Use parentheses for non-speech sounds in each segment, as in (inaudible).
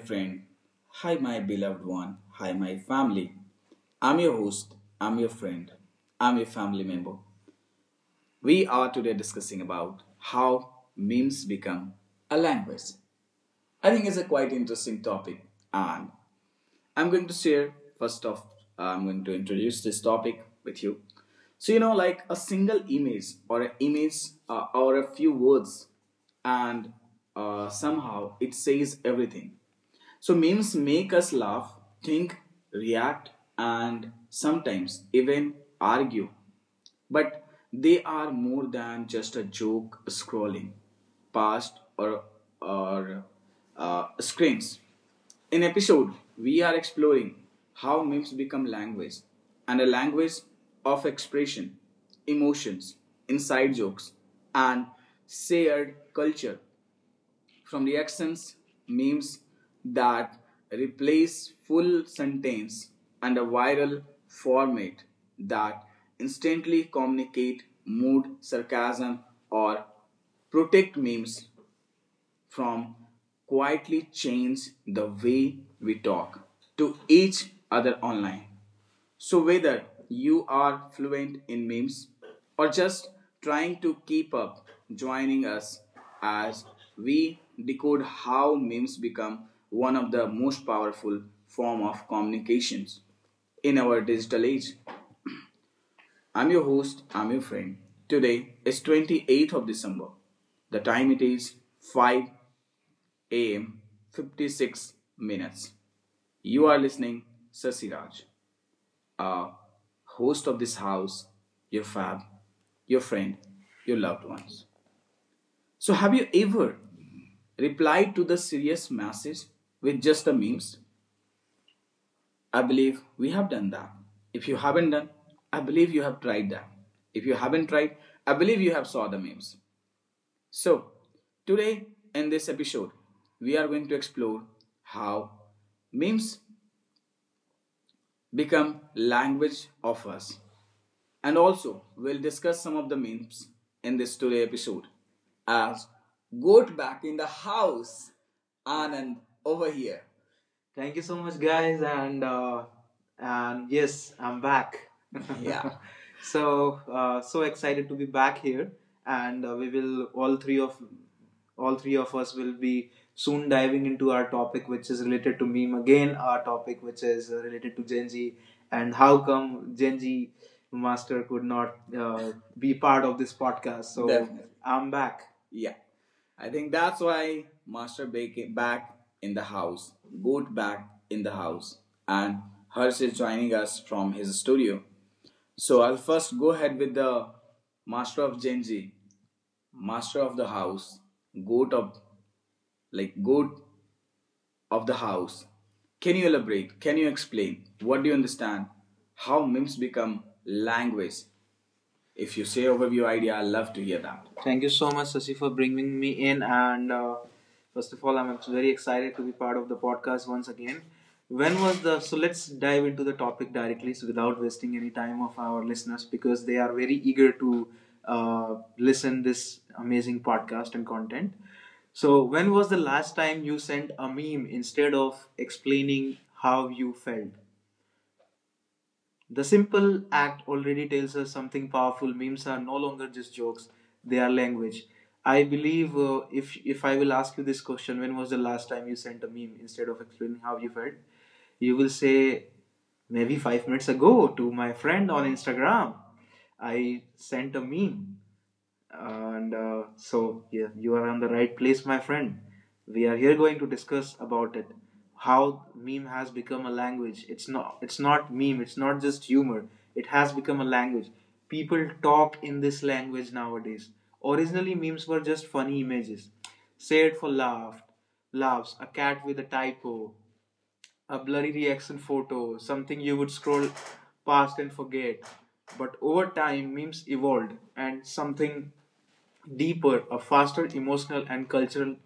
friend, hi my beloved one, hi my family. I'm your host, I'm your friend, I'm your family member. We are today discussing about how memes become a language. I think it's a quite interesting topic and I'm going to share first off, I'm going to introduce this topic with you. So, like a single image or an image or a few words, and somehow it says everything. So, memes make us laugh, think, react, and sometimes even argue. But they are more than just a joke scrolling past or screens. In episode, we are exploring how memes become language and a language of expression, emotions, inside jokes, and shared culture from reactions, memes that replace full sentence and a viral format that instantly communicate mood, sarcasm, or protect memes from quietly change the way we talk to each other online. So, whether you are fluent in memes or just trying to keep up, joining us as we decode how memes become one of the most powerful form of communications in our digital age. I'm your host, I'm your friend. Today is 28th of December. The time it is 5 a.m. 56 minutes. You are listening Sasiraj, a host of this house, your fab, your friend, your loved ones. So have you ever replied to the serious message with just the memes? I believe we have done that. If you haven't done, I believe you have tried that. If you haven't tried, I believe you have saw the memes. So today in this episode, we are going to explore how memes become language of us. And also, we'll discuss some of the memes in this today episode. As goat back in the house, Anand over here. Thank you so much, guys, and yes, I'm back. (laughs) Yeah. So excited to be back here, and we will all three of us will be soon diving into our topic, which is related to meme again. Our topic, which is related to Gen Z, and how come Gen Z Master could not be part of this podcast. So definitely. I'm back. Yeah. I think that's why Master Bake back in the house, Goat back in the house, and Harsh is joining us from his studio. So I'll first go ahead with the Master of Genji, Master of the house, Goat of Goat of the house. Can you elaborate? Can you explain? What do you understand? How memes become language if you say overview idea, I'd love to hear that. Thank you so much, Sasi, for bringing me in. And first of all, I'm very excited to be part of the podcast once again. When was the so let's dive into the topic directly, so without wasting any time of our listeners because they are very eager to listen this amazing podcast and content. So when was the last time you sent a meme instead of explaining how you felt? The simple act already tells us something powerful. Memes are no longer just jokes, they are language. I believe if I will ask you this question, when was the last time you sent a meme instead of explaining how you felt? You will say, maybe 5 minutes ago to my friend on Instagram. I sent a meme. And so, yeah, you are on the right place, my friend. We are here going to discuss about it. How meme has become a language. It's not. It's not meme. It's not just humor. It has become a language. People talk in this language nowadays. Originally, memes were just funny images, shared for laughs. A cat with a typo, a blurry reaction photo, something you would scroll past and forget. But over time, memes evolved, and something deeper, a faster emotional and cultural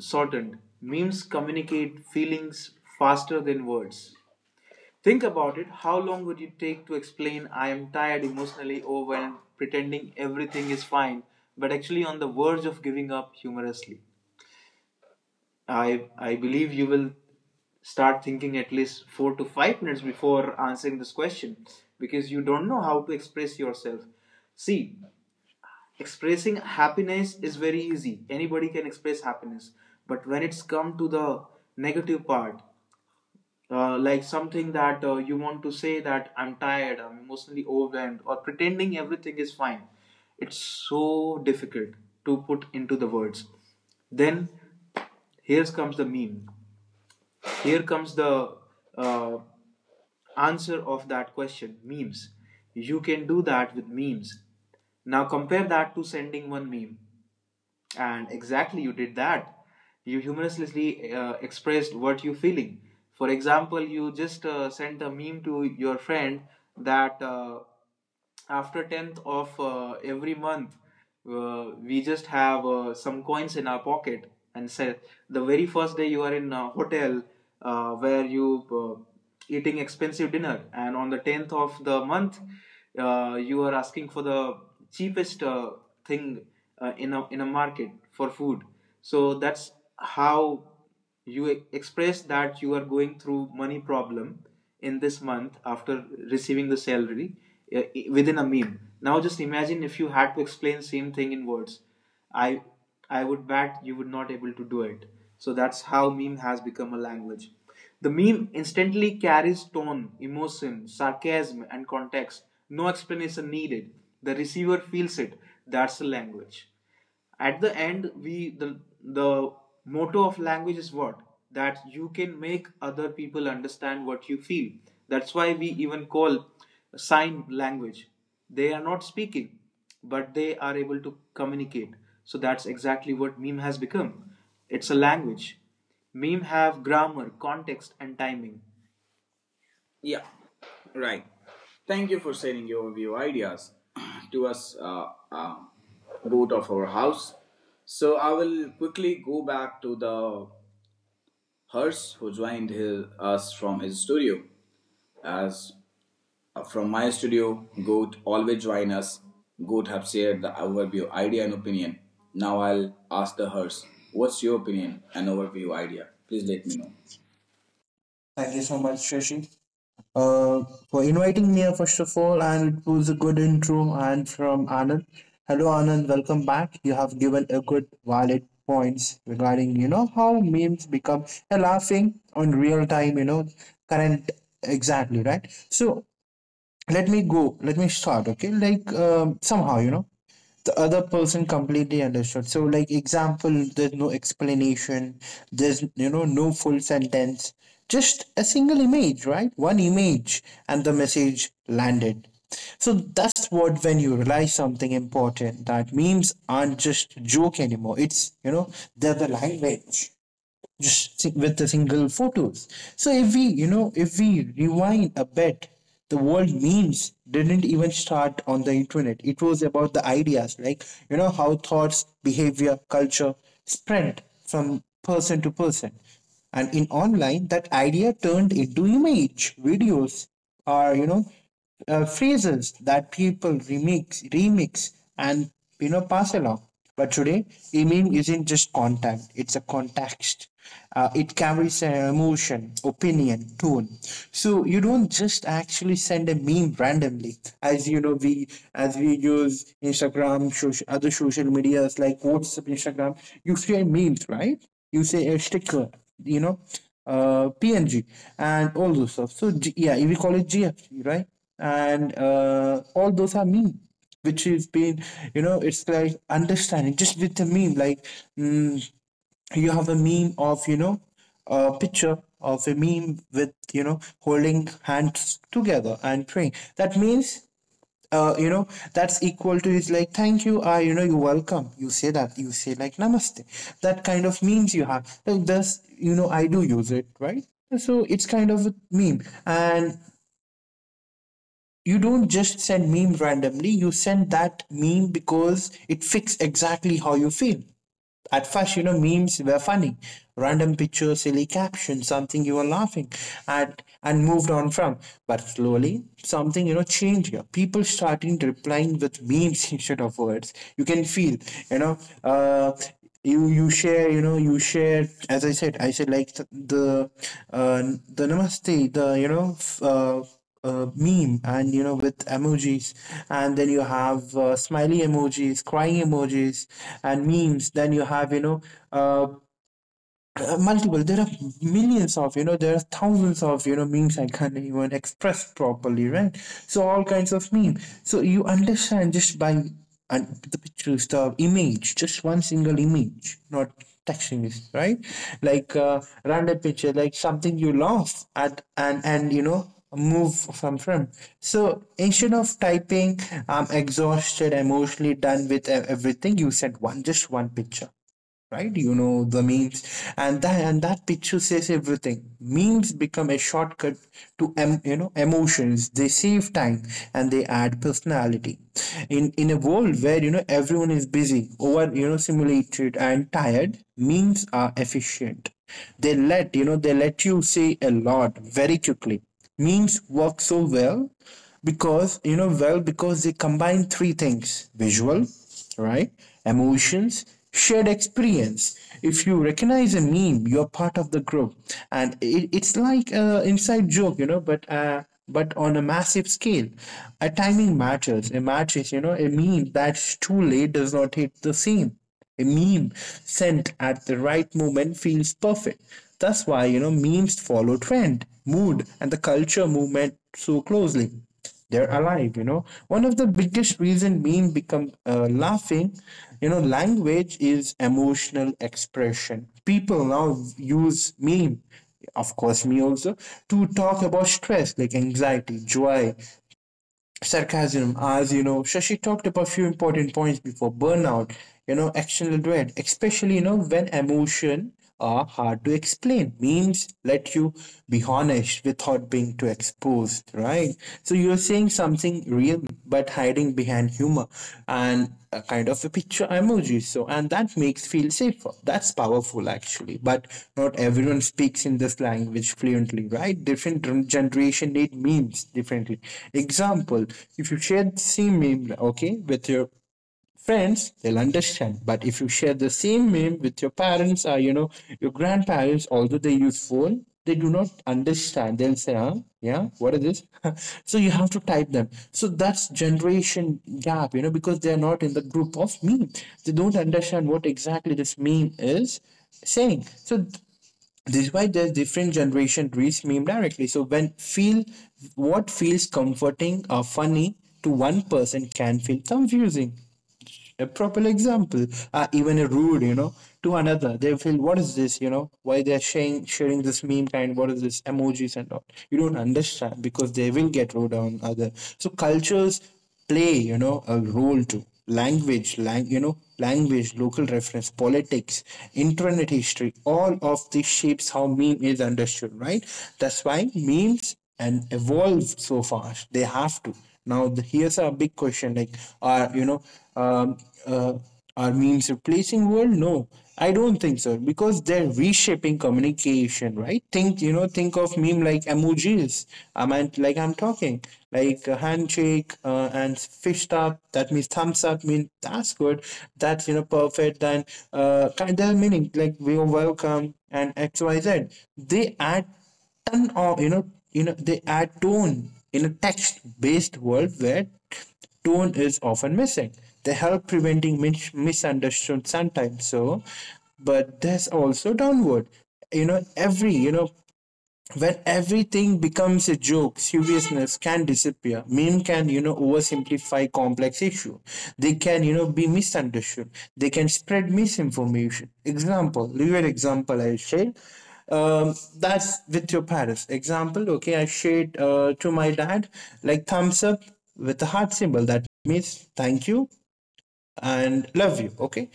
shortened. Memes communicate feelings faster than words. Think about it. How long would it take to explain I am tired, emotionally overwhelmed, pretending everything is fine, but actually on the verge of giving up humorously? I believe you will start thinking at least 4 to 5 minutes before answering this question because you don't know how to express yourself. See, expressing happiness is very easy anybody can express happiness but when it's come to the negative part like something that you want to say that I'm tired I'm emotionally overwhelmed or pretending everything is fine it's so difficult to put into the words then here comes the meme here comes the uh, answer of that question memes you can do that with memes now compare that to sending one meme and exactly, you did that. You humorously expressed what you're feeling. For example, you just sent a meme to your friend that after 10th of every month, we just have some coins in our pocket and said the very first day you are in a hotel where you uh, eating expensive dinner, and on the 10th of the month, you are asking for the cheapest thing in a market for food. So that's how you express that you are going through money problem in this month after receiving the salary within a meme. Now just imagine if you had to explain same thing in words. I I would bet you would not able to do it. So that's how meme has become a language. The meme instantly carries tone, emotion, sarcasm, and context. No explanation needed. The receiver feels it. That's the language. At the end, we the motto of language is what? That you can make other people understand what you feel. That's why we even call sign language. They are not speaking, but they are able to communicate. So that's exactly what meme has become. It's a language. Meme have grammar, context, and timing. Yeah, right. Thank you for sharing your view ideas (clears throat) to us, uh, both of our house. So I will quickly go back to the Hers who joined us from his studio. As from my studio, Goat always join us. Goat have shared the overview idea and opinion. Now I'll ask the Hers, what's your opinion and overview idea? Please let me know. Thank you so much, Shashi, uh, for inviting me, first of all, and it was a good intro. And from Anand, hello, Anand, welcome back. You have given a good, valid points regarding how memes become a laughing on real time. Current exactly right. So let me start, okay, like somehow the other person completely understood. So like example, there's no explanation, there's no full sentence, just a single image, right, one image, and the message landed. So that's what, when you realize something important, that memes aren't just joke anymore, it's you know they're the language, just with a single photos. So if we rewind a bit, the world memes didn't even start on the internet. It was about the ideas, like how thoughts, behavior, culture spread from person to person, and in online that idea turned into image, videos, or phrases that people remix, and pass along. But today, meaning isn't just content; it's a context. It carries an emotion, opinion, tone. So you don't just actually send a meme randomly, as we use Instagram, social, other social medias like WhatsApp, Instagram. You share memes, right? You say a sticker, you know, PNG, and all those stuff. So yeah, we call it GFG, right? And all those are meme, which has been, it's like understanding just with the meme, like, mm, you have a meme of, a picture of a meme with, holding hands together and praying, that means, uh, you know that's equal to is like thank you, I you know you're welcome, you say like namaste, that kind of memes you have like this, I do use it, right? So it's kind of a meme, and you don't just send meme randomly, you send that meme because it fits exactly how you feel. At first, memes were funny random picture, silly caption, something you were laughing at and moved on from, but slowly something, changed here. People starting replying with memes (laughs) instead of words. You can feel, you know uh, you share, as I said, like uh, the namaste, the meme, and with emojis, and then you have, smiley emojis, crying emojis, and memes. Then you have, uh, multiple. There are millions of, there are thousands of, memes, I can't even express properly, right? So all kinds of meme. So you understand just by and the pictures, the image, just one single image, not texting this, right? Like, random picture, like something you lost at, and move from. So instead of typing, "I'm exhausted, emotionally done with everything," you sent one, just one picture, right? You know the memes, and that picture says everything. Memes become a shortcut to, emotions. They save time and they add personality. In a world where, everyone is busy, over, simulated and tired, memes are efficient. They let you say a lot very quickly. Memes work so well because you know well because they combine three things: visual, right? Emotions, shared experience. If you recognize a meme, you're part of the group, and it's like a inside joke, but. But on a massive scale, a timing matters. It matters, a meme that's too late does not hit the scene. A meme sent at the right moment feels perfect. That's why, memes follow trend, mood, and the culture movement so closely, they're alive, one of the biggest reason meme become, laughing, language is emotional expression. People now use meme, of course me also, to talk about stress, like anxiety, joy, sarcasm, as, Shashi talked about few important points before, burnout, actional dread, especially, when emotion are hard to explain, memes let you be honest without being too exposed, right? So you're saying something real but hiding behind humor and a kind of a picture emoji. So, and that makes feel safer. That's powerful actually. But not everyone speaks in this language fluently, right? Different generation need memes differently. Example: if you share the same meme, okay, with your friends, they'll understand. But if you share the same meme with your parents or, your grandparents, although they use phone, they do not understand. They'll say, huh, yeah, what is this? (laughs) So you have to type them. So that's generation gap, because they're not in the group of meme, they don't understand what exactly this meme is saying. So this is why there's different generation reads meme directly. So when feel, what feels comforting or funny to one person can feel confusing, a proper example, even a rude, to another. They feel, what is this, why they're sharing this meme kind, what is this, emojis and all. You don't understand because they will get rude on other. So cultures play, a role too. Language, language, local reference, politics, internet history, all of this shapes how meme is understood, right? That's why memes and evolve so fast. They have to now, here's a big question: like, are you know, um, uh, are memes replacing world? No, I don't think so, because they're reshaping communication, right? Think of meme like emojis. I meant, like I'm talking, like a handshake, and fist up. That means thumbs up. Mean that's good. That's, perfect. Then, kind of meaning like we are welcome and XYZ. They add ton of, they add tone in a text-based world where tone is often missing. They help preventing misunderstood sometimes. So, but there's also downward. Every, when everything becomes a joke, seriousness can disappear. Meme can, oversimplify complex issue, they can, be misunderstood, they can spread misinformation. Example, real example, I shared, that's with your parents example, okay. I shared, to my dad, like thumbs up with a heart symbol, that means thank you and love you, okay.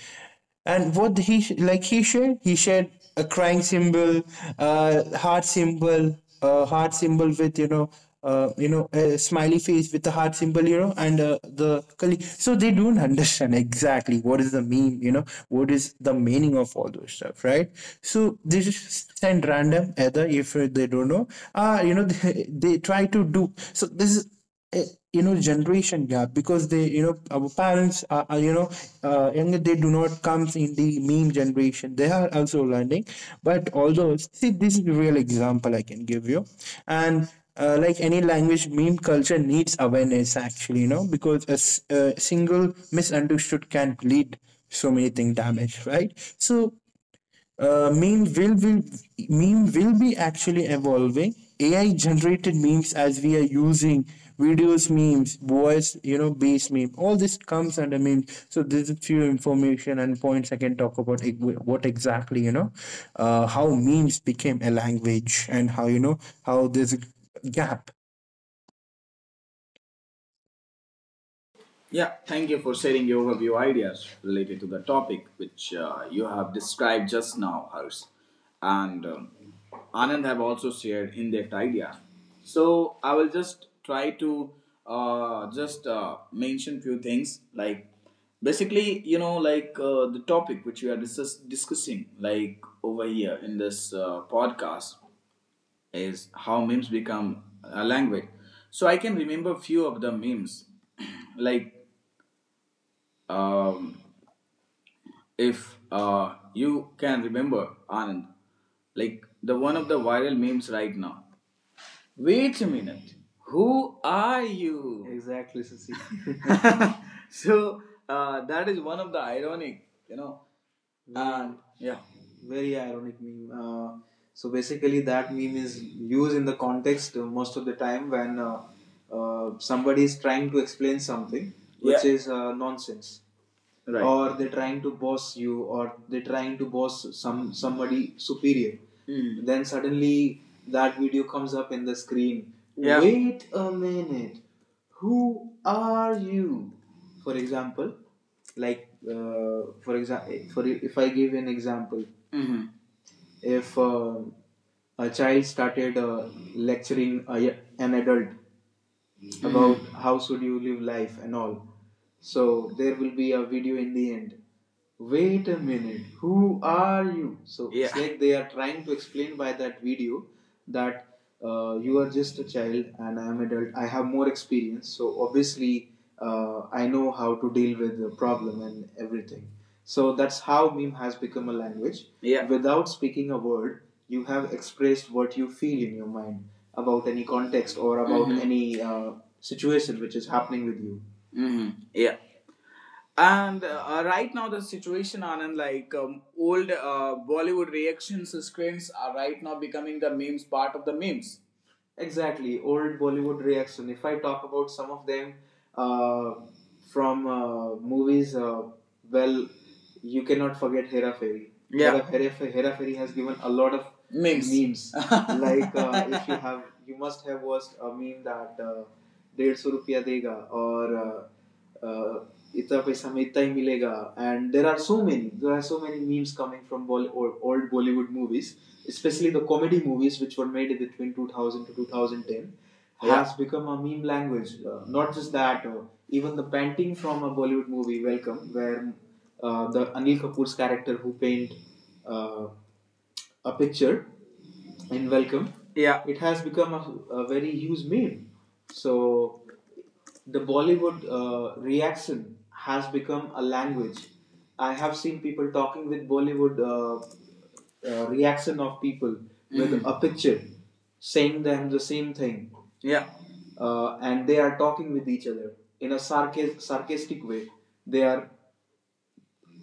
And what he sh- like he shared a crying symbol, heart symbol, heart symbol with, a smiley face with a heart symbol, and, the colleague. So they don't (laughs) understand exactly what is the meme, what is the meaning of all those stuff, right? So they just send random either if they don't know. (laughs) They try to do. So this is, eh, generation gap, because they, our parents are, younger, they do not comes in the meme generation, they are also learning. But although, see, this is a real example I can give you. And, like any language, meme culture needs awareness actually, because a single misunderstood can lead so many thing damage, right? So, uh, meme will be meme will be actually evolving, AI generated memes, as we are using videos memes, voice, base meme, all this comes under memes. So there's a few information and points I can talk about it, what exactly, how memes became a language, and how, how there's a gap. Yeah, thank you for sharing your overview ideas related to the topic which you have described just now, Harsh. And Anand have also shared in depth idea. So I will just try to just mention few things like basically the topic which we are discussing like over here in this podcast is how memes become a language. So I can remember few of the memes (clears throat) like um, if you can remember Anand, like the one of the viral memes right now. Wait a minute, who are you? Exactly, Sasi. (laughs) (laughs) So that is one of the ironic, you know. And yeah, very ironic meme. So basically, that meme is used in the context most of the time when somebody is trying to explain something which Yeah. is nonsense. Right. Or they're trying to boss you or they're trying to boss somebody superior Mm. then suddenly that video comes up in the screen Yeah. wait a minute who are you for example like for example for if I give an example hmm if a child started lecturing an adult about how should you live life and all. So there will be a video in the end. Wait a minute, who are you? So yeah. It's Yeah. like they are trying to explain by that video that you are just a child and I am adult. I have more experience, so obviously I know how to deal with the problem and everything. So that's how meme has become a language. Yeah. Without speaking a word, you have expressed what you feel in your mind about any context or about Mhm. any situation which is happening with you. Hmm Yeah. And right now, the situation, Anand, like old Bollywood reactions screens are right now becoming the memes part of the memes. Exactly, old Bollywood reaction. If I talk about some of them uh, from movies, well, you cannot forget Hera Fairy. Yeah. Hera Fairy has given a lot of Memes. Memes. (laughs) like if you have, you must have watched a meme that 150 rupiya dega or uh, इतना पैसा हमें इतना ही मिलेगा and there are so many memes coming from old Bollywood movies especially the comedy movies which were made between 2000 to 2010 Yeah. Has become a meme language. Not just that, even the painting from a Bollywood movie Welcome, where the Anil Kapoor's character who paint uh, a picture in Welcome. Yeah. It has become a very huge meme. So the Bollywood reaction has become a language. I have seen people talking with Bollywood reaction of people with a picture, saying them the same thing. Yeah. And they are talking with each other in a sarcastic way. They are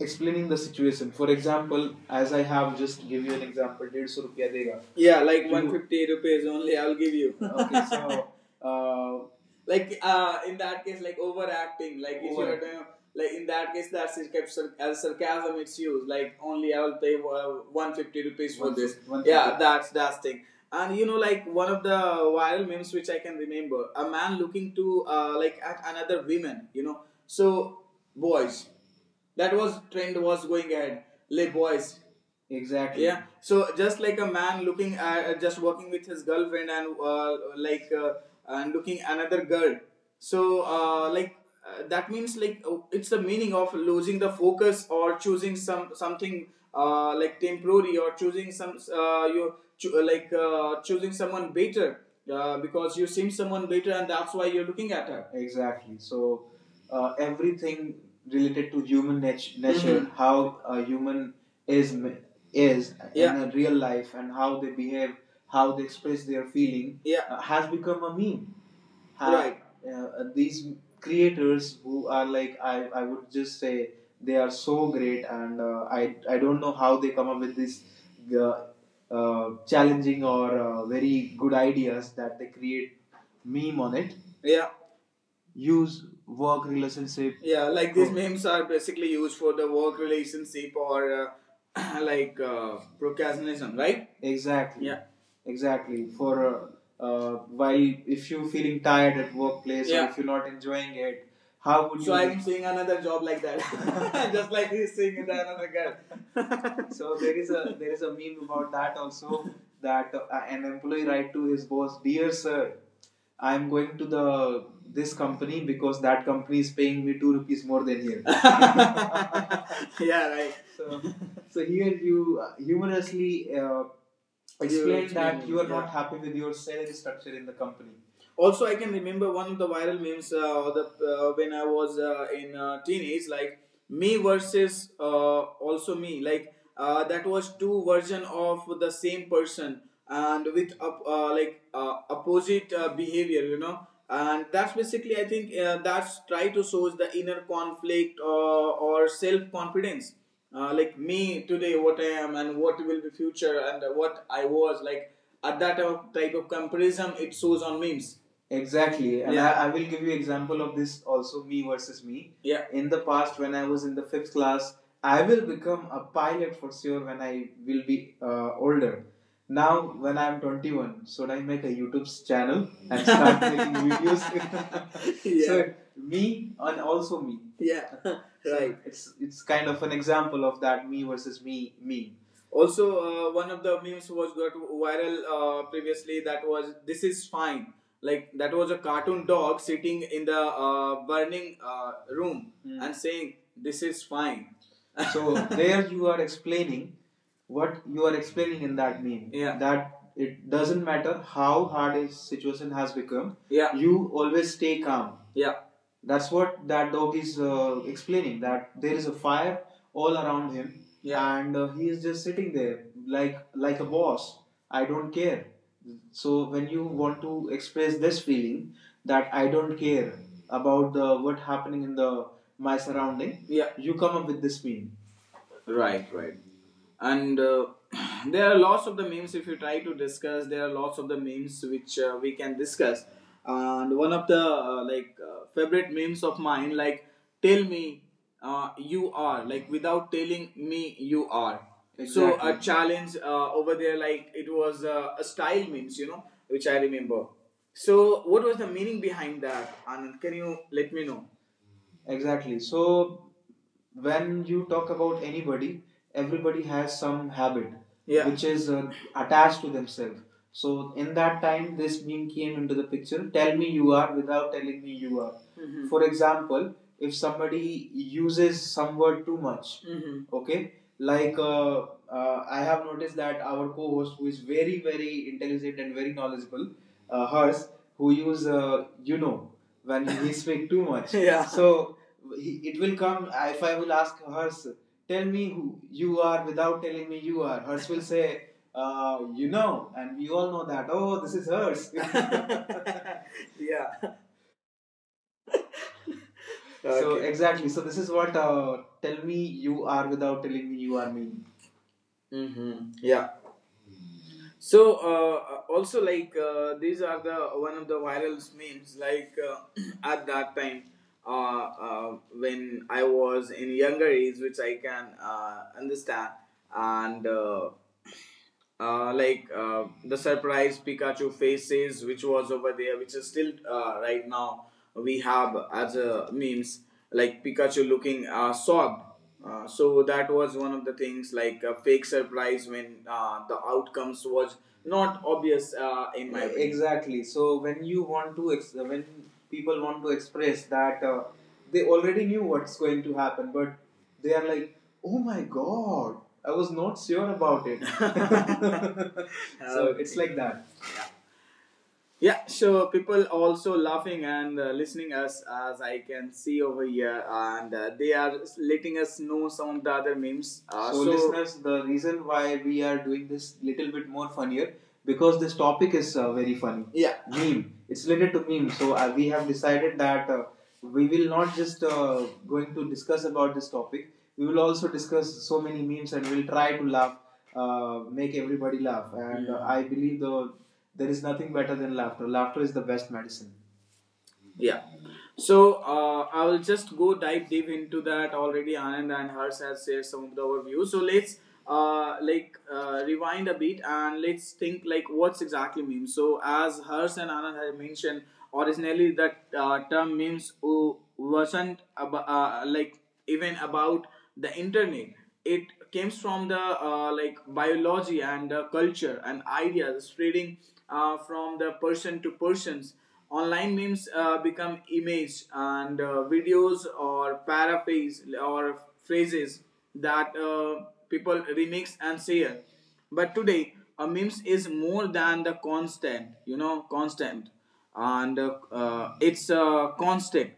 explaining the situation. For example, as I have just give you an example, 150 rupiya dega. Yeah, like 150 rupees only, I'll give you. Okay, so uh, (laughs) like in that case, like overacting. Like if over, you're like in that case, that's it, kept as sarcasm. It's used. Like only I'll pay 150 rupees for this. Yeah, that's thing. And you know, like one of the viral memes which I can remember, a man looking to like at another woman. You know, so boys, that was trend was going ahead. Le boys. Exactly. Yeah. So just like a man looking at, just walking with his girlfriend, and like and looking another girl. So like that means, like it's the meaning of losing the focus or choosing something, like temporary, or choosing some, like choosing someone better, because you seem someone better, and that's why you're looking at her. Exactly. So everything related to human nature, Mhm. how a human is is, Yeah. in a real life, and how they behave, how they express their feeling. Yeah. Has become a meme. Right. These creators who are like, I would just say they are so great, and I I don't know how they come up with these uh, challenging or very good ideas that they create meme on it. Yeah, use work relationship. Yeah, like these memes are basically used for the work relationship, or (clears throat) like procrastination. Right, exactly. Yeah. Exactly, for while if you feeling tired at workplace. Yeah. Or, Yeah. if you're not enjoying it, how would, so you, so I'm seeing another job like that. (laughs) (laughs) Just like he's seeing another girl. (laughs) So there is a meme about that also, that an employee write to his boss, "Dear sir, I'm going to the this company because that company is paying me 2 rupees more than here." (laughs) (laughs) Yeah, right. So, here you humorously explain that you are, yeah. not happy with your salary structure in the company. Also, I can remember one of the viral memes, or the when I was in teenage, like me versus also me. Like that was two version of the same person, and with like opposite behavior, you know. And that's basically I think that's try to source the inner conflict, or self confidence, like me today, what I am, and what will be future, and what I was like, at that type of comparison, it shows on memes. Exactly. And, Yeah. I will give you example of this also, me versus me. Yeah. In the past, when I was in the fifth class, I will become a pilot for sure when I will be older. Now, when I'm 21, should I make a YouTube channel and start (laughs) making videos? (laughs) Yeah. So me and also me. Yeah. (laughs) So right. So it's kind of an example of that me versus me. Also, one of the memes was got viral previously. That was, "This is fine." Like that was a cartoon dog sitting in the burning room, Hmm. and saying, "This is fine." So (laughs) there you are explaining what you are explaining in that meme, Yeah. that it doesn't matter how hard a situation has become, Yeah. you always stay calm. Yeah. That's what that dog is explaining, that there is a fire all around him, Yeah. and he is just sitting there like a boss. I don't care. So when you want to express this feeling that I don't care about the what happening in the my surrounding, Yeah. you come up with this meme. Right, right. And (clears throat) there are lots of the memes. If you try to discuss, there are lots of the memes which we can discuss. And one of the like favorite memes of mine, like "Tell me you are," like without telling me you are. So a, Exactly. challenge over there, like it was a style memes, you know, which I remember. So what was the meaning behind that, Anand? Can you let me know? Exactly. So when you talk about anybody, everybody has some habit, Yeah. which is attached to themselves. So in that time, this meme came into the picture. "Tell me you are without telling me you are." Mhm. For example, if somebody uses some word too much, Mhm. okay, like I have noticed that our co-host, who is very very intelligent and very knowledgeable, hers, who use you know, when (laughs) he speak too much. Yeah. So he, it will come, if I will ask Hers, "Tell me who you are without telling me you are." Hers will say, "you know," and we all know that. "Oh, this is Hers." (laughs) Yeah. Okay. So exactly. So this is what "Tell me you are without telling me you are" mean. Mm-hmm. Yeah. So Also, like these are the one of the viral memes, like (clears throat) at that time, when I was in younger age, which I can understand, and (clears throat) like the surprise Pikachu faces, which was over there, which is still right now we have as a memes, like Pikachu looking sobbed, so that was one of the things, like a fake surprise when the outcomes was not obvious, in my opinion. Exactly. So when you want to when people want to express that they already knew what's going to happen, but they are like, "Oh my God, I was not sure about it." (laughs) (laughs) So, Okay. it's, Okay. like that. Yeah, sure. People also laughing and listening us, as I can see over here, and they are letting us know some of the other memes. So, listeners, the reason why we are doing this little bit more funnier, because this topic is very funny. Yeah, meme. It's related to meme. So we have decided that we will not just going to discuss about this topic. We will also discuss so many memes and we'll try to laugh, make everybody laugh. And yeah. I believe there is nothing better than laughter. Laughter is the best medicine. Yeah. So I will just go dive deep into that already. Anand and Harsh has shared some of the overview. So let's like rewind a bit and let's think, like, what's exactly meme. So as Harsh and Anand have mentioned, originally that term memes wasn't like, even about the internet. It comes from the like, biology and culture and ideas spreading from the person to persons online. Memes become image and videos or paraphrase or phrases that people remix and share. But today a memes is more than the constant you know constant, and it's a, constant,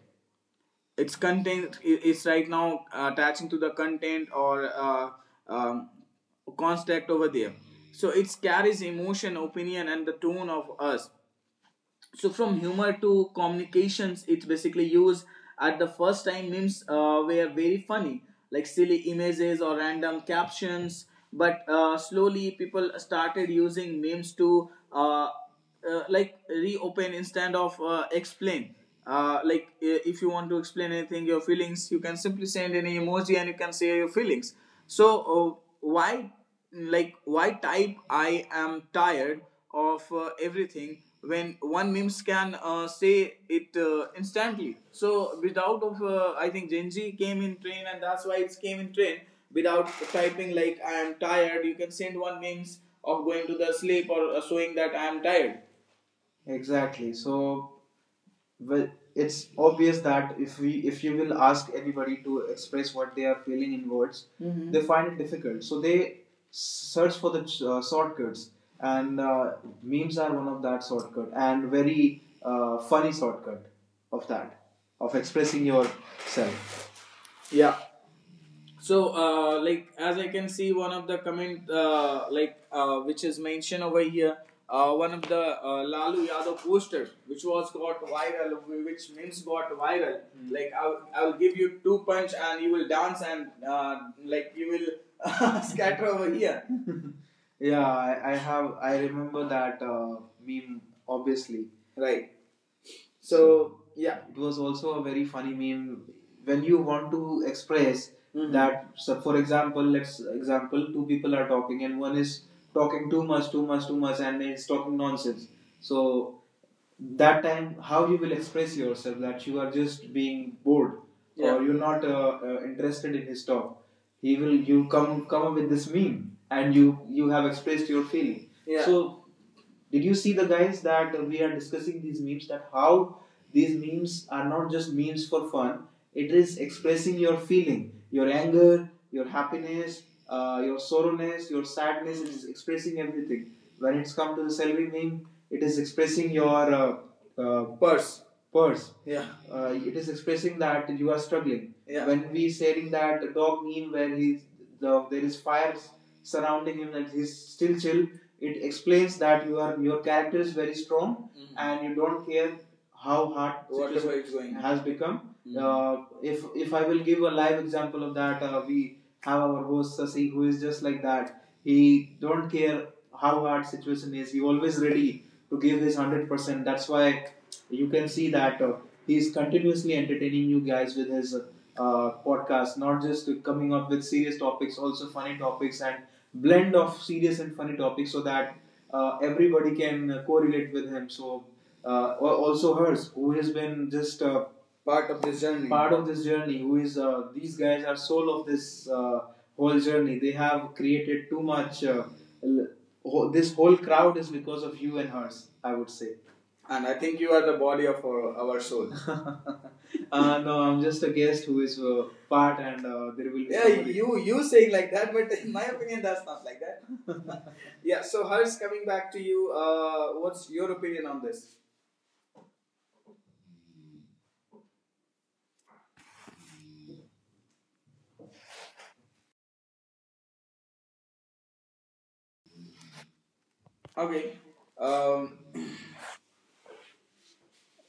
it's content, is right now attaching to the content or um, construct over there. So it carries emotion, opinion, and the tone of us. So from humor to communications, it's basically used. At the first time, memes were very funny, like silly images or random captions. But slowly people started using memes to like reopen instead of explain. Like if you want to explain anything, your feelings, you can simply send any emoji and you can say your feelings. So why, like, why type, "I am tired of everything," when one memes can say it instantly? So without of, I think Gen Z came in train, and that's why it's came in train. Without typing, like, "I am tired," you can send one memes of going to the sleep or showing that "I am tired." Exactly. So, well, it's obvious that if you will ask anybody to express what they are feeling in words. Mhm. They find it difficult, so they search for the shortcuts, and memes are one of that shortcut and very funny shortcut of that, of expressing yourself. Yeah, so, like as I can see, one of the comment, like which is mentioned over here, one of the Lalu Yadav poster, which was got viral, which memes got viral. Mm. Like I'll give you two punch and you will dance and like you will (laughs) scatter over here. (laughs) Yeah, I have. I remember that meme, obviously. Right. So yeah, it was also a very funny meme. When you want to express, Mhm, that, so for example, let's example, two people are talking and one is talking too much, too much, too much, and is talking nonsense. So that time, how you will express yourself that you are just being bored? Yeah. Or you're not interested in his talk. He will, you come up with this meme and you have expressed your feeling. Yeah. So did you see, the guys, that we are discussing these memes? That how these memes are not just memes for fun. It is expressing your feeling, your anger, your happiness, your sorrowness, your sadness. It is expressing everything. When it's come to the selfie meme, it is expressing your uh, Purse. purse. Yeah, it is expressing that you are struggling. Yeah. When we saying that dog meme where he's the there is fire surrounding him and he's still chill, it explains that you are your character is very strong, Mhm, and you don't care how hard situation it's going. Has become. Mhm. If I will give a live example of that, we have our host Sasi, who is just like that. He don't care how hard situation is. He always ready to give his 100%. That's why you can see that he is continuously entertaining you guys with his podcast, not just coming up with serious topics, also funny topics, and blend of serious and funny topics, so that everybody can correlate with him. So uh, also Hers, who has been just part of this journey, who is these guys are soul of this whole journey. They have created too much, this whole crowd is because of you and Hers, I would say. And I think you are the body of our soul. (laughs) Uh, no, I'm just a guest who is part, and there will be. Yeah, somebody. You saying like that, but in my opinion, that's not like that. Yeah. So Harsh, coming back to you, what's your opinion on this? Okay. Um,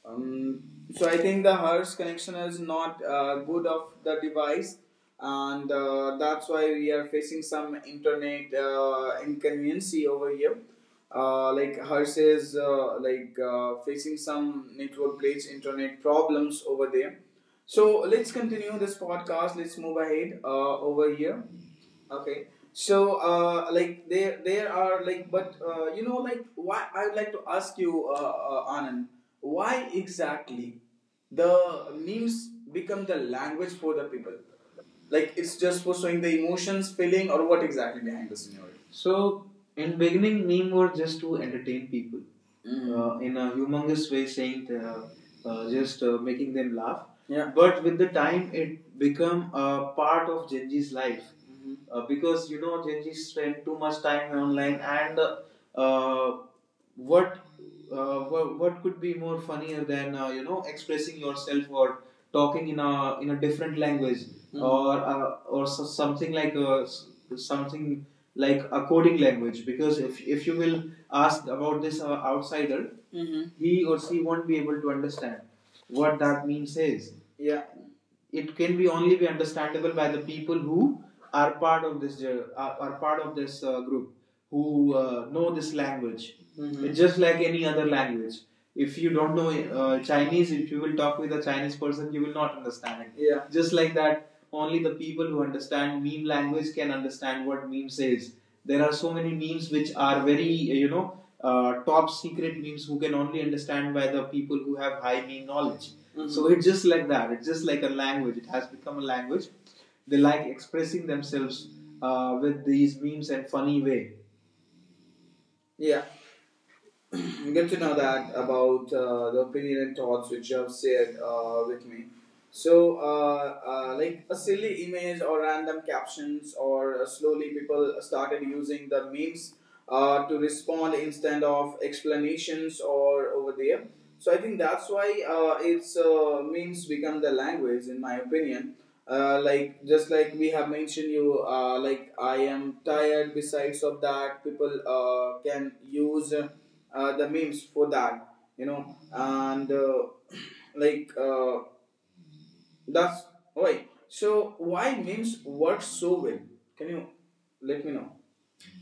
Um, so I think the Hertz connection is not good of the device, and that's why we are facing some internet inconvenience over here. Like Hertz is like facing some network glitch, internet problems over there. So let's continue this podcast. Let's move ahead over here. Okay. So, like there are like, but you know, like, why I would like to ask you, Anand, why exactly the memes become the language for the people? Like, it's just for showing the emotions, feeling, or what exactly behind the scenario? So in beginning, meme were just to entertain people, Mm, in a humongous way, saying the, just making them laugh. Yeah. But with the time, it become a part of Gen Z's life, mm-hmm, because you know Gen Z spend too much time online, and uh, what what could be more funnier than you know expressing yourself or talking in a different language, Mhm, or so, something like a, something like a coding language. Because if you will ask about this outsider, Mm-hmm, he or she won't be able to understand what that means is. Yeah, it can be only be understandable by the people who are part of this are part of this group who know this language. Mhm. It's just like any other language. If you don't know Chinese, if you will talk with a Chinese person, you will not understand it. Yeah. Just like that, only the people who understand meme language can understand what meme says. There are so many memes which are very, you know, top secret memes who can only understand by the people who have high meme knowledge. Mhm. So it's just like that. It's just like a language. It has become a language. They like expressing themselves with these memes in funny way. Yeah. (clears throat) Good to know that about the opinion and thoughts which you have shared with me. So, like a silly image or random captions, or slowly people started using the memes to respond instead of explanations or over there. So, I think that's why it's memes become the language, in my opinion. Like just like we have mentioned you, like I am tired, besides of that people can use the memes for that, you know, and like that's why. So why memes work so well? Can you let me know?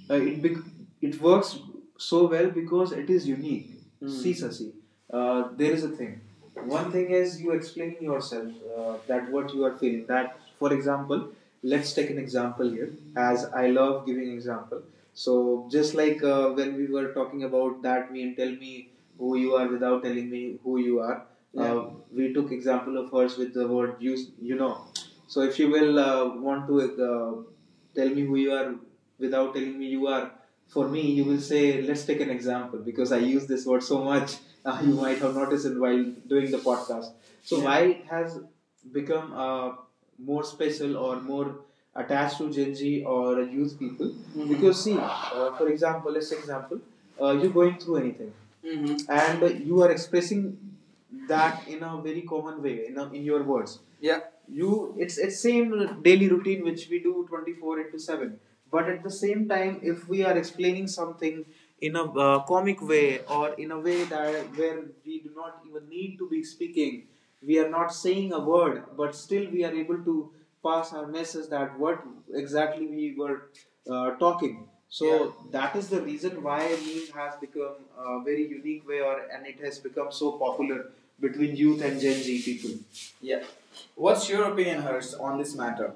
Uh, it works so well because it is unique. Mm. See, Sasi, there is a thing. One thing is you explaining yourself that what you are feeling. That, for example, let's take an example here. As I love giving example. So just like when we were talking about that meme, tell me who you are without telling me who you are. Yeah. We took example of Hers with the word you. You know, so if you will want to tell me who you are without telling me you are, for me you will say let's take an example, because I use this word so much. (laughs) You might have noticed it while doing the podcast. So yeah, why has become more special or more attached to Gen Z or youth people? Mhm. Because see, for example, let's say example, you're going through anything, Mm-hmm, and you are expressing that in a very common way in, a, in your words. Yeah, you, it's same daily routine which we do 24 into 7. But at the same time, if we are explaining something in a comic way, or in a way that where we do not even need to be speaking, we are not saying a word, but still we are able to pass our message, that what exactly we were talking. So yeah, that is the reason why meme has become a very unique way, or and it has become so popular between youth and Gen Z people. Yeah. What's your opinion, Hers, on this matter?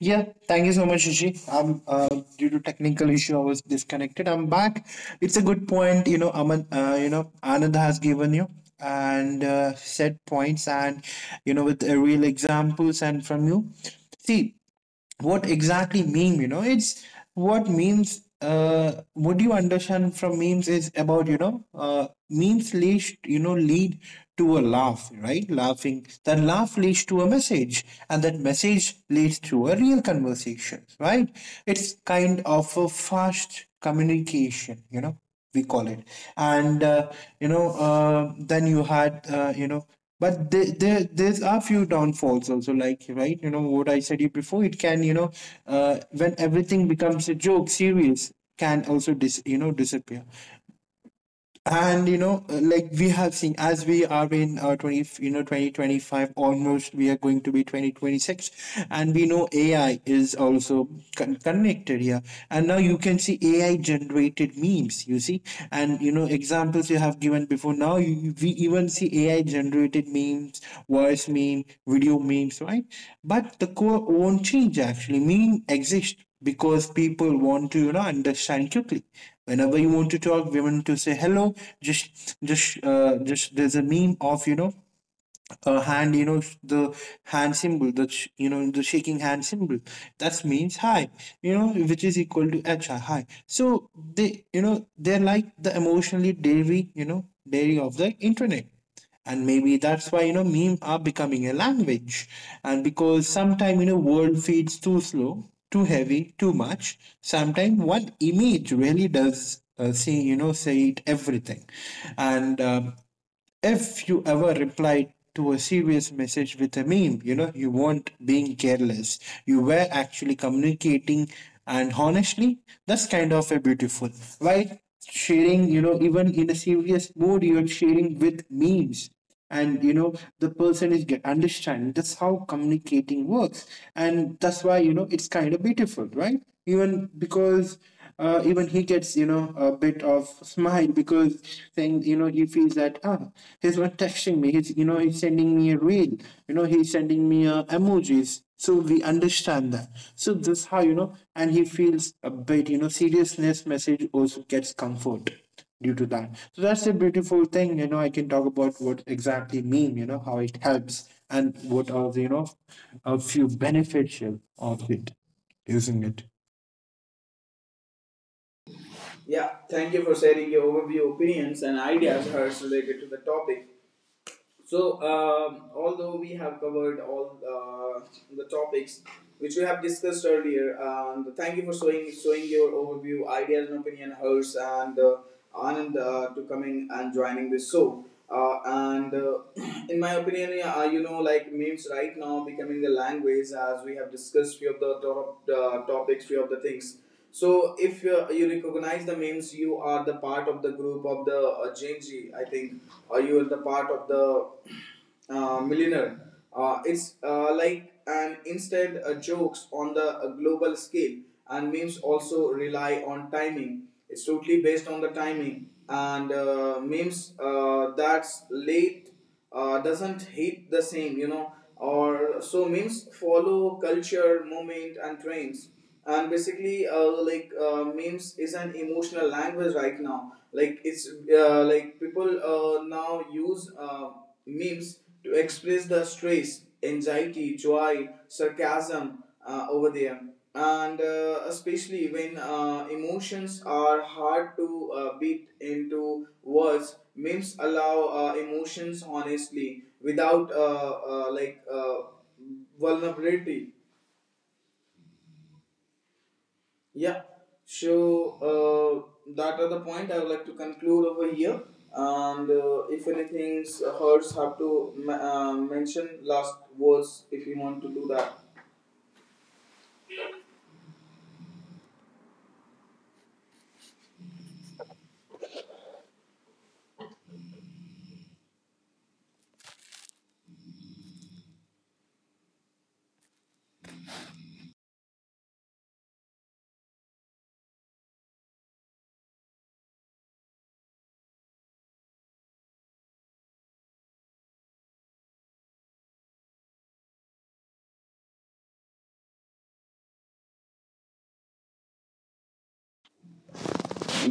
Yeah, thank you so much, Shishi. I'm due to technical issue, I was disconnected. I'm back. It's a good point. Aman, Anand has given you and, set points, and, with, real examples and from you. See, what exactly meme, it's what you understand from memes is about, memes leads, lead to a laugh, right? Laughing, that laugh leads to a message, and that message leads to a real conversation, right? It's kind of a fast communication, we call it. And, then you had, but there's a few downfalls also, like right, what I said you before, it can, when everything becomes a joke, serious can also disappear. And, like we have seen, as we are in, 20 you know 2025 almost, we are going to be 2026, and we know AI is also connected here, and now you can see AI generated memes, you see, and, examples you have given before. Now we even see AI generated memes, voice meme, video memes, right? But the core won't change actually, meme exists because people want to, understand quickly, whenever you want to talk women to say hello, just there's a meme of, a hand, the hand symbol, the sh- you know, the shaking hand symbol. That means hi, which is equal to hi, hi. So they're like the emotionally dairy, dairy of the internet. And maybe that's why, memes are becoming a language, and because sometimes, world feeds too slow, too heavy, too much. Sometimes one image really does, say you know say it everything, and, if you ever reply to a serious message with a meme, you weren't being careless. You were actually communicating, and honestly, that's kind of a beautiful. Why sharing, even in a serious mood, you're sharing with memes, and, the person is get understand, that's how communicating works, and that's why, it's kind of beautiful, right? Even because, even he gets, a bit of smile, because saying, he feels that, ah, he's not texting me, he's you know he's sending me a reel, he's sending me, emojis. So we understand that. So this how, and he feels a bit, seriousness message also gets comfort due to that. So that's a beautiful thing, you know. I can talk about what exactly meme, how it helps and what are the, a few beneficial of it using it. Yeah. Thank you for sharing your overview opinions and ideas, Hers, related to the topic. So, although we have covered all the topics which we have discussed earlier, and thank you for showing your overview, ideas, and opinion, Hers, and Anand, to coming and joining this show. And (clears throat) in my opinion, yeah, you know, like memes right now becoming the language, as we have discussed few of the top topics, few of the things. So if you recognize the memes, you are the part of the group of the Gen Z, I think, or you are the part of the millionaire. It's like an instant jokes on the global scale, and memes also rely on timing. It's totally based on the timing, and memes that's late doesn't hate the same, you know, or so memes follow culture, movement, and trends. And basically, like memes is an emotional language right now. Like it's like people now use memes to express the stress, anxiety, joy, sarcasm over there. And especially when emotions are hard to beat into words, memes allow emotions honestly without like vulnerability. Yeah. So that are the point I would like to conclude over here. And if anything Hurts, have to mention last words, if you want to do that.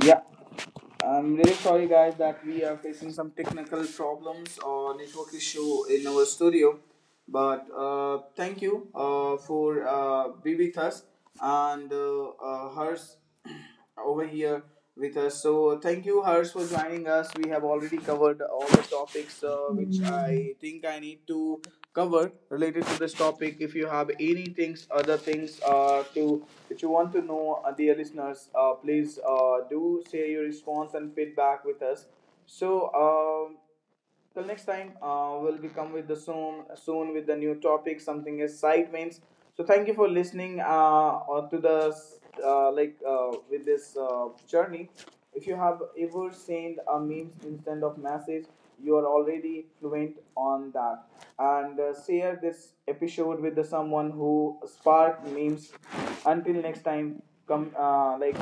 Yeah. I'm really sorry, guys, that we are facing some technical problems or network issue in our studio. But thank you for be with us and Hers (clears throat) over here with us. So thank you, Hers, for joining us. We have already covered all the topics which I think I need to cover related to this topic. If you have any things, other things to that you want to know, dear listeners, please do share your response and feedback with us. So till next time, we'll be come with the soon with the new topic, something as side mains. So thank you for listening, or to the like with this journey. If you have ever sent a meme instead of message, you are already fluent on that, and share this episode with the someone who spark memes. Until next time, come like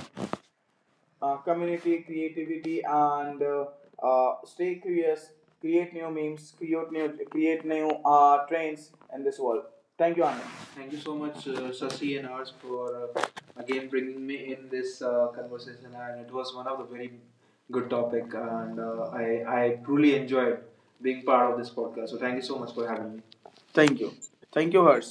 community, creativity, and stay curious, create new memes, create new trends in this world. Thank you, Anand. Thank you so much, Sasi and ours, for again bringing me in this conversation. And it was one of the very good topic, and I truly enjoyed being part of this podcast. So thank you so much for having me. Thank you, thank you, Hers.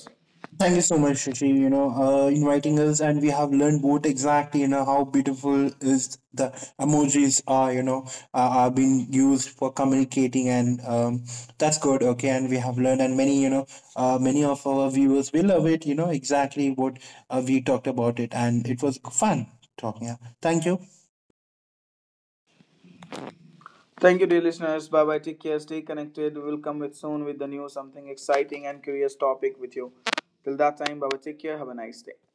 Thank you so much, Shashi, inviting us, and we have learned both exactly, how beautiful is the emojis are, are being used for communicating, and, that's good, okay. And we have learned, and many, many of our viewers will love it, exactly what, we talked about it, and it was fun talking. Yeah. Thank you. Thank you, dear listeners. Bye bye. Take care. Stay connected. We'll come with soon with the new something exciting and curious topic with you. Till that time, bye bye. Take care. Have a nice day.